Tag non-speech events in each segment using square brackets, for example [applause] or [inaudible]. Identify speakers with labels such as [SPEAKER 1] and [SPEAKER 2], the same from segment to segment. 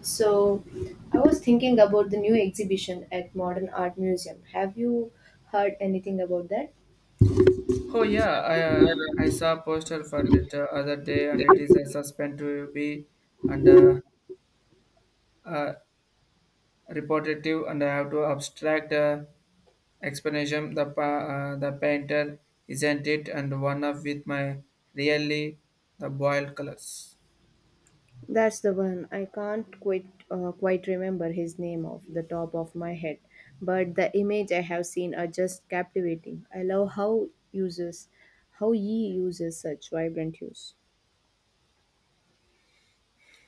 [SPEAKER 1] So, I was thinking about the new exhibition at Modern Art Museum. Have you heard anything about that?
[SPEAKER 2] Oh yeah, I saw a poster for it the other day, and it is a suspend to be and uh, reportative, and I have to abstract explanation. The painter isn't it, and one of with my really the boiled colors.
[SPEAKER 1] That's the one. I can't quite remember his name off the top of my head, but the image I have seen are just captivating. I love how he uses such vibrant hues.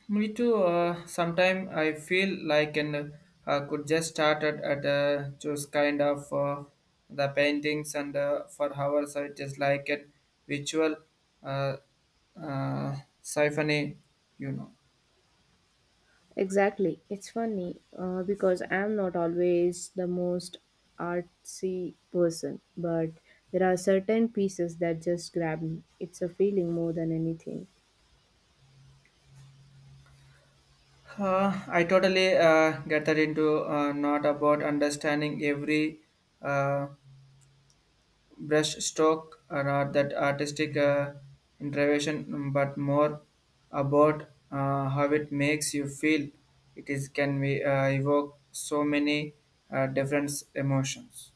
[SPEAKER 2] Me too. Sometimes I feel like and could just started at just kind of the paintings and for hours so it is like a visual uh, uh, symphony, you know.
[SPEAKER 1] Exactly. It's funny because I'm not always the most artsy person, but there are certain pieces that just grab me. It's a feeling more than anything.
[SPEAKER 2] I totally get that into not about understanding every uh, brushstroke or are that artistic intervention, but more about how it makes you feel. It is can be evoke so many different emotions.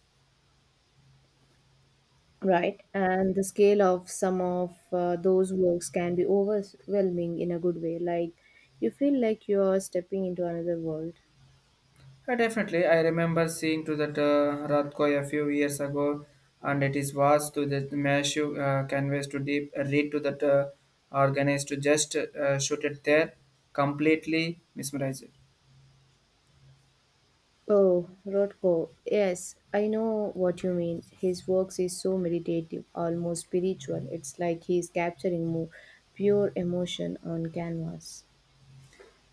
[SPEAKER 1] Right. And the scale of some of those works can be overwhelming in a good way. Like you feel like you're stepping into another world.
[SPEAKER 2] Definitely, I remember seeing to that Ratkoi a few years ago, and it is was to the massive canvas to deep read to that organized to just shoot it there, completely mesmerized.
[SPEAKER 1] Oh, Rothko. Yes, I know what you mean. His works is so meditative, almost spiritual. It's like he's capturing more pure emotion on canvas.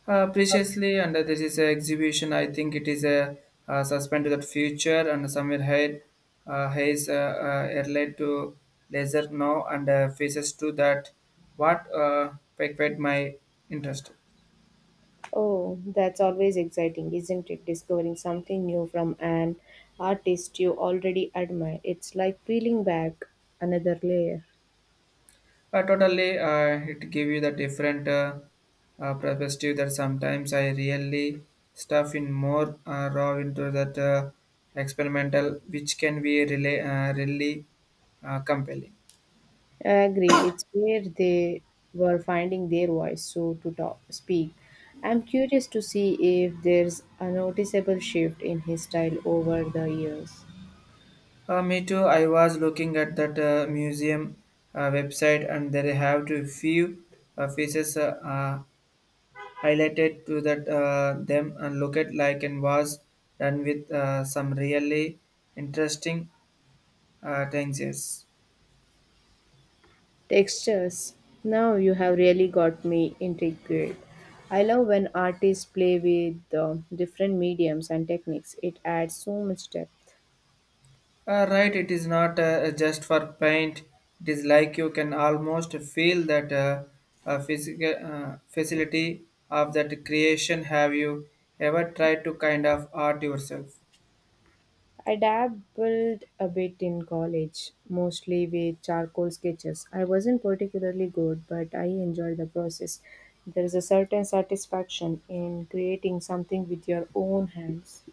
[SPEAKER 2] Preciously, and this is an exhibition. I think it is a, suspend to the future, and somewhere ahead, Hayes airline to laser now and faces to that. What piqued my interest?
[SPEAKER 1] Oh, that's always exciting, isn't it? Discovering something new from an artist you already admire. It's like peeling back another layer.
[SPEAKER 2] Totally, it give you the different perspective that sometimes I really stuff in more raw into that experimental, which can be really, really compelling.
[SPEAKER 1] I agree. It's where they were finding their voice, so to speak. I'm curious to see if there's a noticeable shift in his style over the years.
[SPEAKER 2] Me too. I was looking at that museum website, and they have a few faces highlighted to that them and look at like and was done with some really interesting things. Yes.
[SPEAKER 1] Textures. Now you have really got me intrigued. I love when artists play with different mediums and techniques. It adds so much depth.
[SPEAKER 2] Right, it is not just for paint. It is like you can almost feel that physical facility of that creation. Have you ever tried to kind of art yourself?
[SPEAKER 1] I dabbled a bit in college, mostly with charcoal sketches. I wasn't particularly good, but I enjoyed the process. There is a certain satisfaction in creating something with your own hands.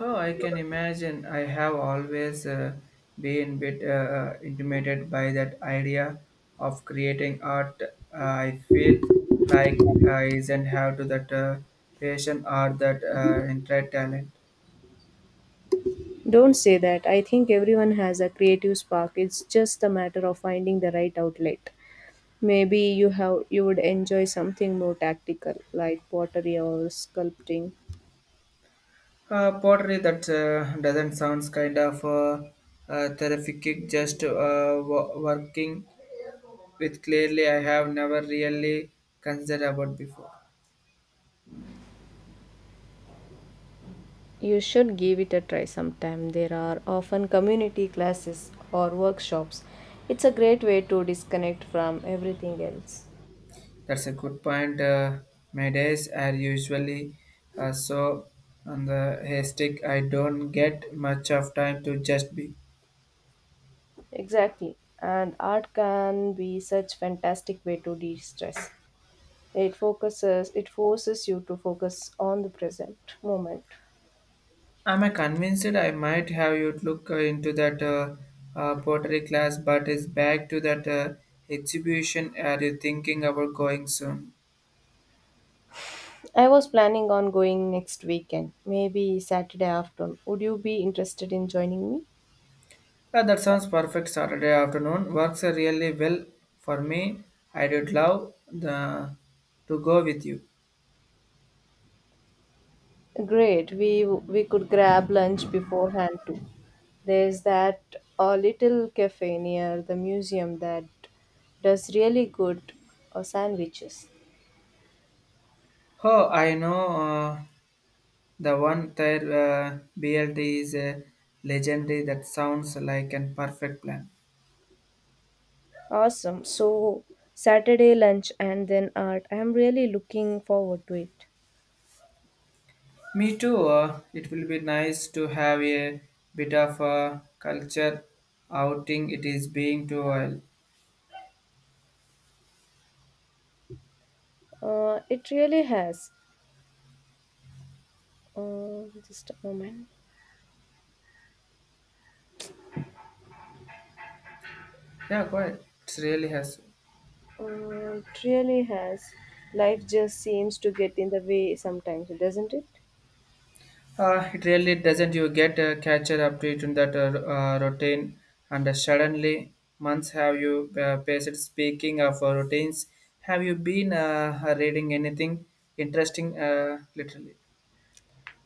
[SPEAKER 2] Oh, I can imagine. I have always been bit intimidated by that idea of creating art. I feel like I isn't have to that passion or that intricate talent.
[SPEAKER 1] Don't say that. I think everyone has a creative spark. It's just a matter of finding the right outlet. Maybe you would enjoy something more tactical like pottery or sculpting.
[SPEAKER 2] Pottery that doesn't sounds kind of terrific. Just working with clearly I have never really considered about before.
[SPEAKER 1] You should give it a try sometime. There are often community classes or workshops. It's a great way to disconnect from everything else.
[SPEAKER 2] That's a good point. My days are usually so on the haystack. I don't get much of time to just be.
[SPEAKER 1] Exactly. And art can be such fantastic way to de-stress. It forces you to focus on the present moment.
[SPEAKER 2] I'm convinced I might have you look into that pottery class, but it's back to that exhibition. Are you thinking about going soon?
[SPEAKER 1] I was planning on going next weekend, maybe Saturday afternoon. Would you be interested in joining me?
[SPEAKER 2] That sounds perfect. Saturday afternoon works really well for me. I would love the to go with you.
[SPEAKER 1] Great. We could grab lunch beforehand too. There's that a little cafe near the museum that does really good sandwiches.
[SPEAKER 2] Oh, I know. The one there BLT is a legendary that sounds like an perfect plan.
[SPEAKER 1] Awesome. So, Saturday lunch and then art. I'm really looking forward to it.
[SPEAKER 2] Me too. It will be nice to have a bit of a culture outing. It is being too oil.
[SPEAKER 1] It really has. Just a moment.
[SPEAKER 2] Yeah, go ahead. It really has.
[SPEAKER 1] It really has. Life just seems to get in the way sometimes, doesn't it?
[SPEAKER 2] It really doesn't. You get a catcher up to it in that routine, and suddenly months have you passed. Speaking of routines, have you been reading anything interesting? Literally.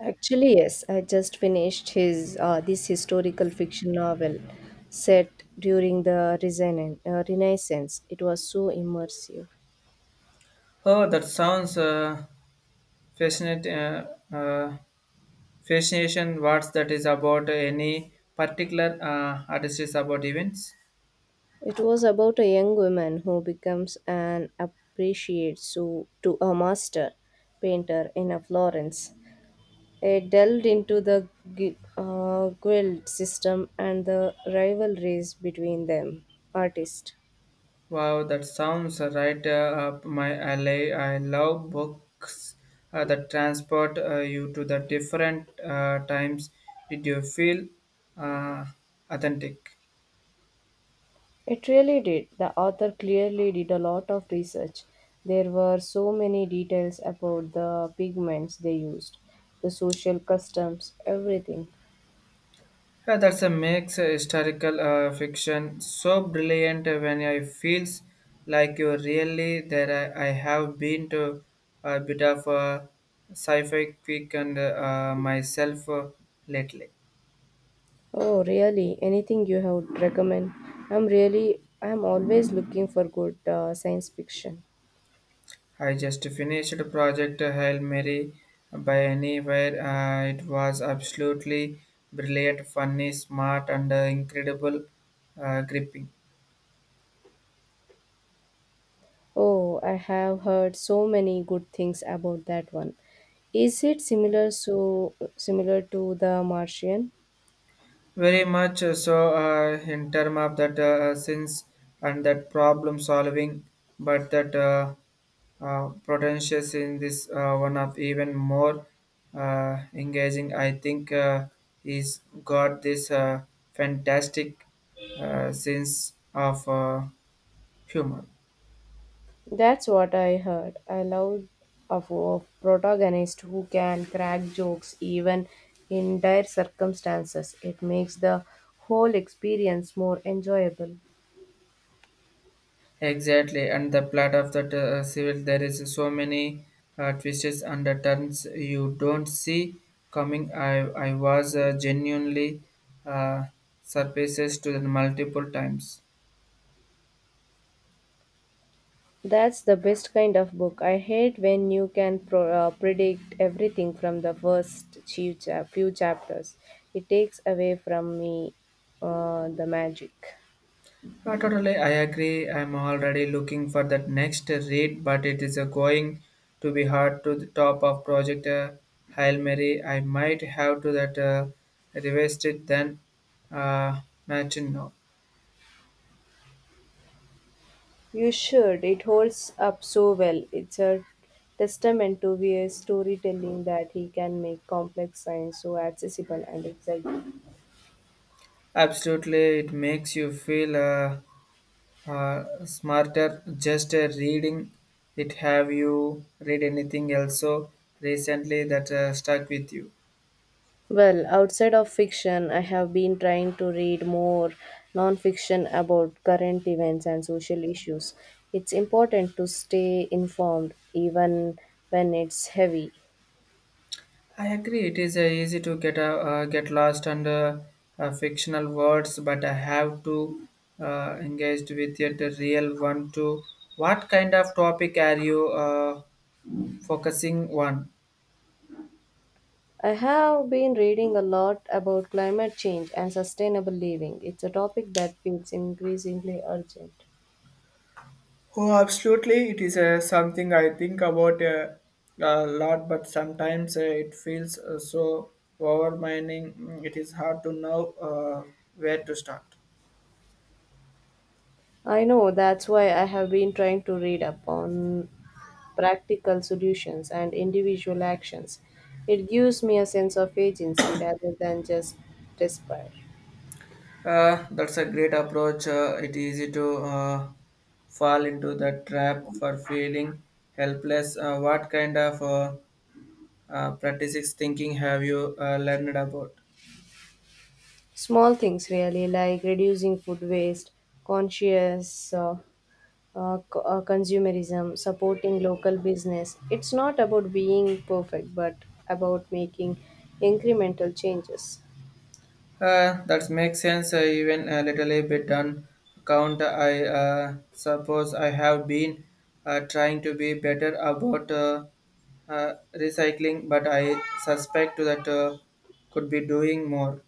[SPEAKER 1] Actually, yes, I just finished his this historical fiction novel set during the Renaissance. It was so immersive.
[SPEAKER 2] Oh, that sounds fascinate, uh, fascination. What's that is about any particular artist about events?
[SPEAKER 1] It was about a young woman who becomes an appreciate so to a master painter in a Florence. It delved into the guild system and the rivalries between them artists.
[SPEAKER 2] Wow, that sounds right up my alley. I love books that transport you to the different times. Did you feel uh, authentic?
[SPEAKER 1] It really did. The author clearly did a lot of research. There were so many details about the pigments they used, the social customs, everything.
[SPEAKER 2] Yeah, that's a makes a historical fiction so brilliant when I feels like you really there. I have been to a bit of a sci-fi quick and myself lately.
[SPEAKER 1] Oh, really? Anything you have recommend? I'm always looking for good science fiction.
[SPEAKER 2] I just finished project Hail Mary by anywhere. It was absolutely brilliant, funny, smart, and incredible gripping.
[SPEAKER 1] Oh, I have heard so many good things about that one. Is it similar to The Martian?
[SPEAKER 2] Very much so in terms of that sense and that problem solving, but that potentials in this one of even more engaging. I think he's got this fantastic sense of humor.
[SPEAKER 1] That's what I heard. I love a of protagonist who can crack jokes even in dire circumstances. It makes the whole experience more enjoyable.
[SPEAKER 2] Exactly, and the plot of that civil, there is so many twists and turns you don't see coming. I was genuinely uh, surprises to the multiple times.
[SPEAKER 1] That's the best kind of book. I hate when you can predict everything from the few chapters. It takes away from me, the magic.
[SPEAKER 2] Totally, I agree. I'm already looking for that next read, but it is going to be hard to the top of Project Hail Mary. I might have to that revise it then match now.
[SPEAKER 1] You should. It holds up so well. It's a testament to Weir's storytelling that he can make complex science so accessible and exciting.
[SPEAKER 2] Absolutely, it makes you feel. Smarter just reading it have you read anything else so recently that stuck with you
[SPEAKER 1] Well, outside of fiction, I have been trying to read more non-fiction about current events and social issues. It's important to stay informed even when it's heavy.
[SPEAKER 2] I agree it is easy to get lost under fictional words but I have to engage with it the real one too what kind of topic are you focusing on
[SPEAKER 1] I have been reading a lot about climate change and sustainable living. It's a topic that feels increasingly urgent.
[SPEAKER 2] Oh, absolutely. It is something I think about a lot, but sometimes it feels so overwhelming. It is hard to know where to start.
[SPEAKER 1] I know that's why I have been trying to read up on practical solutions and individual actions. It gives me a sense of agency rather than just despair.
[SPEAKER 2] That's a great approach. It is easy to fall into the trap for feeling helpless. What kind of practices thinking have you learned about?
[SPEAKER 1] Small things, really, like reducing food waste, conscious uh, consumerism, supporting local business. It's not about being perfect, but about making incremental changes.
[SPEAKER 2] That makes sense, even a little bit on count. I suppose I have been trying to be better about recycling, but I suspect that could be doing more.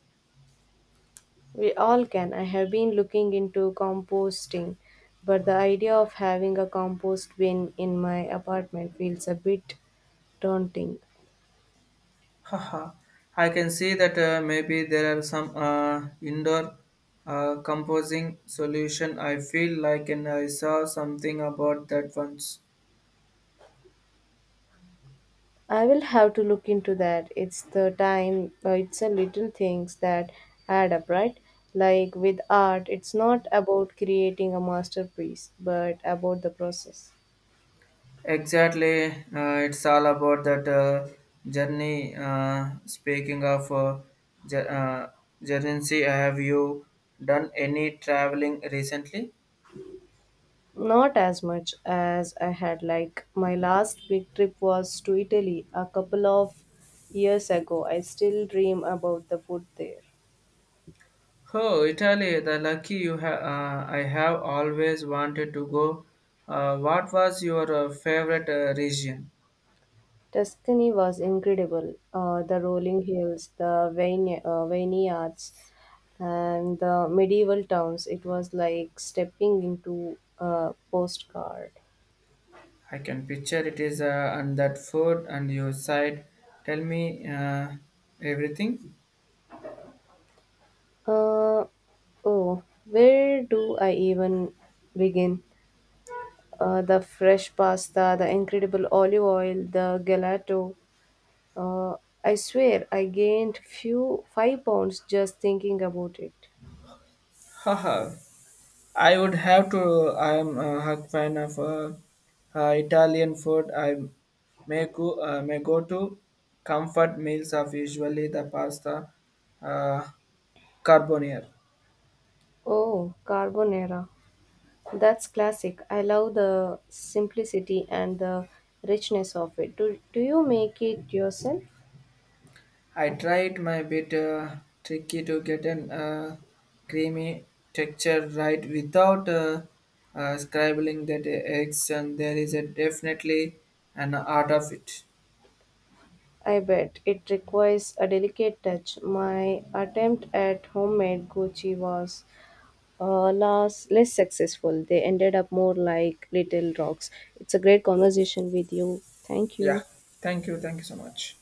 [SPEAKER 1] We all can. I have been looking into composting, but the idea of having a compost bin in my apartment feels a bit daunting.
[SPEAKER 2] [laughs] Haha. I can see that maybe there are some indoor composing solution. I feel like and I saw something about that once.
[SPEAKER 1] I will have to look into that. It's the little things that add up, right? Like with art, it's not about creating a masterpiece, but about the process.
[SPEAKER 2] Exactly, it's all about that journey. Speaking of jour- uh, journey, have you done any traveling recently?
[SPEAKER 1] Not as much as I had like my last big trip was to Italy a couple of years ago. I still dream about the food there.
[SPEAKER 2] Oh, Italy! The lucky you have. I have always wanted to go. What was your favorite region?
[SPEAKER 1] Tuscany was incredible. The rolling hills, the vineyards, and the medieval towns. It was like stepping into a postcard.
[SPEAKER 2] I can picture it is and that food and your side. Tell me everything.
[SPEAKER 1] Uh, oh, where do I even begin? The fresh pasta, the incredible olive oil, the gelato. Uh, I swear I gained few 5 pounds just thinking about it.
[SPEAKER 2] Haha, I would have to. I am a hug fan of Italian food. I may go to comfort meals of usually the pasta uh, carbonier.
[SPEAKER 1] Oh, carbonara. That's classic. I love the simplicity and the richness of it. Do you make it yourself?
[SPEAKER 2] I tried my bit tricky to get an creamy texture right without scribbling that eggs, and there is a definitely an art of it.
[SPEAKER 1] I bet it requires a delicate touch. My attempt at homemade Gucci was less successful. They ended up more like little rocks. It's a great conversation with you. Thank
[SPEAKER 2] Yeah.
[SPEAKER 1] you.
[SPEAKER 2] Thank you. Thank you so much.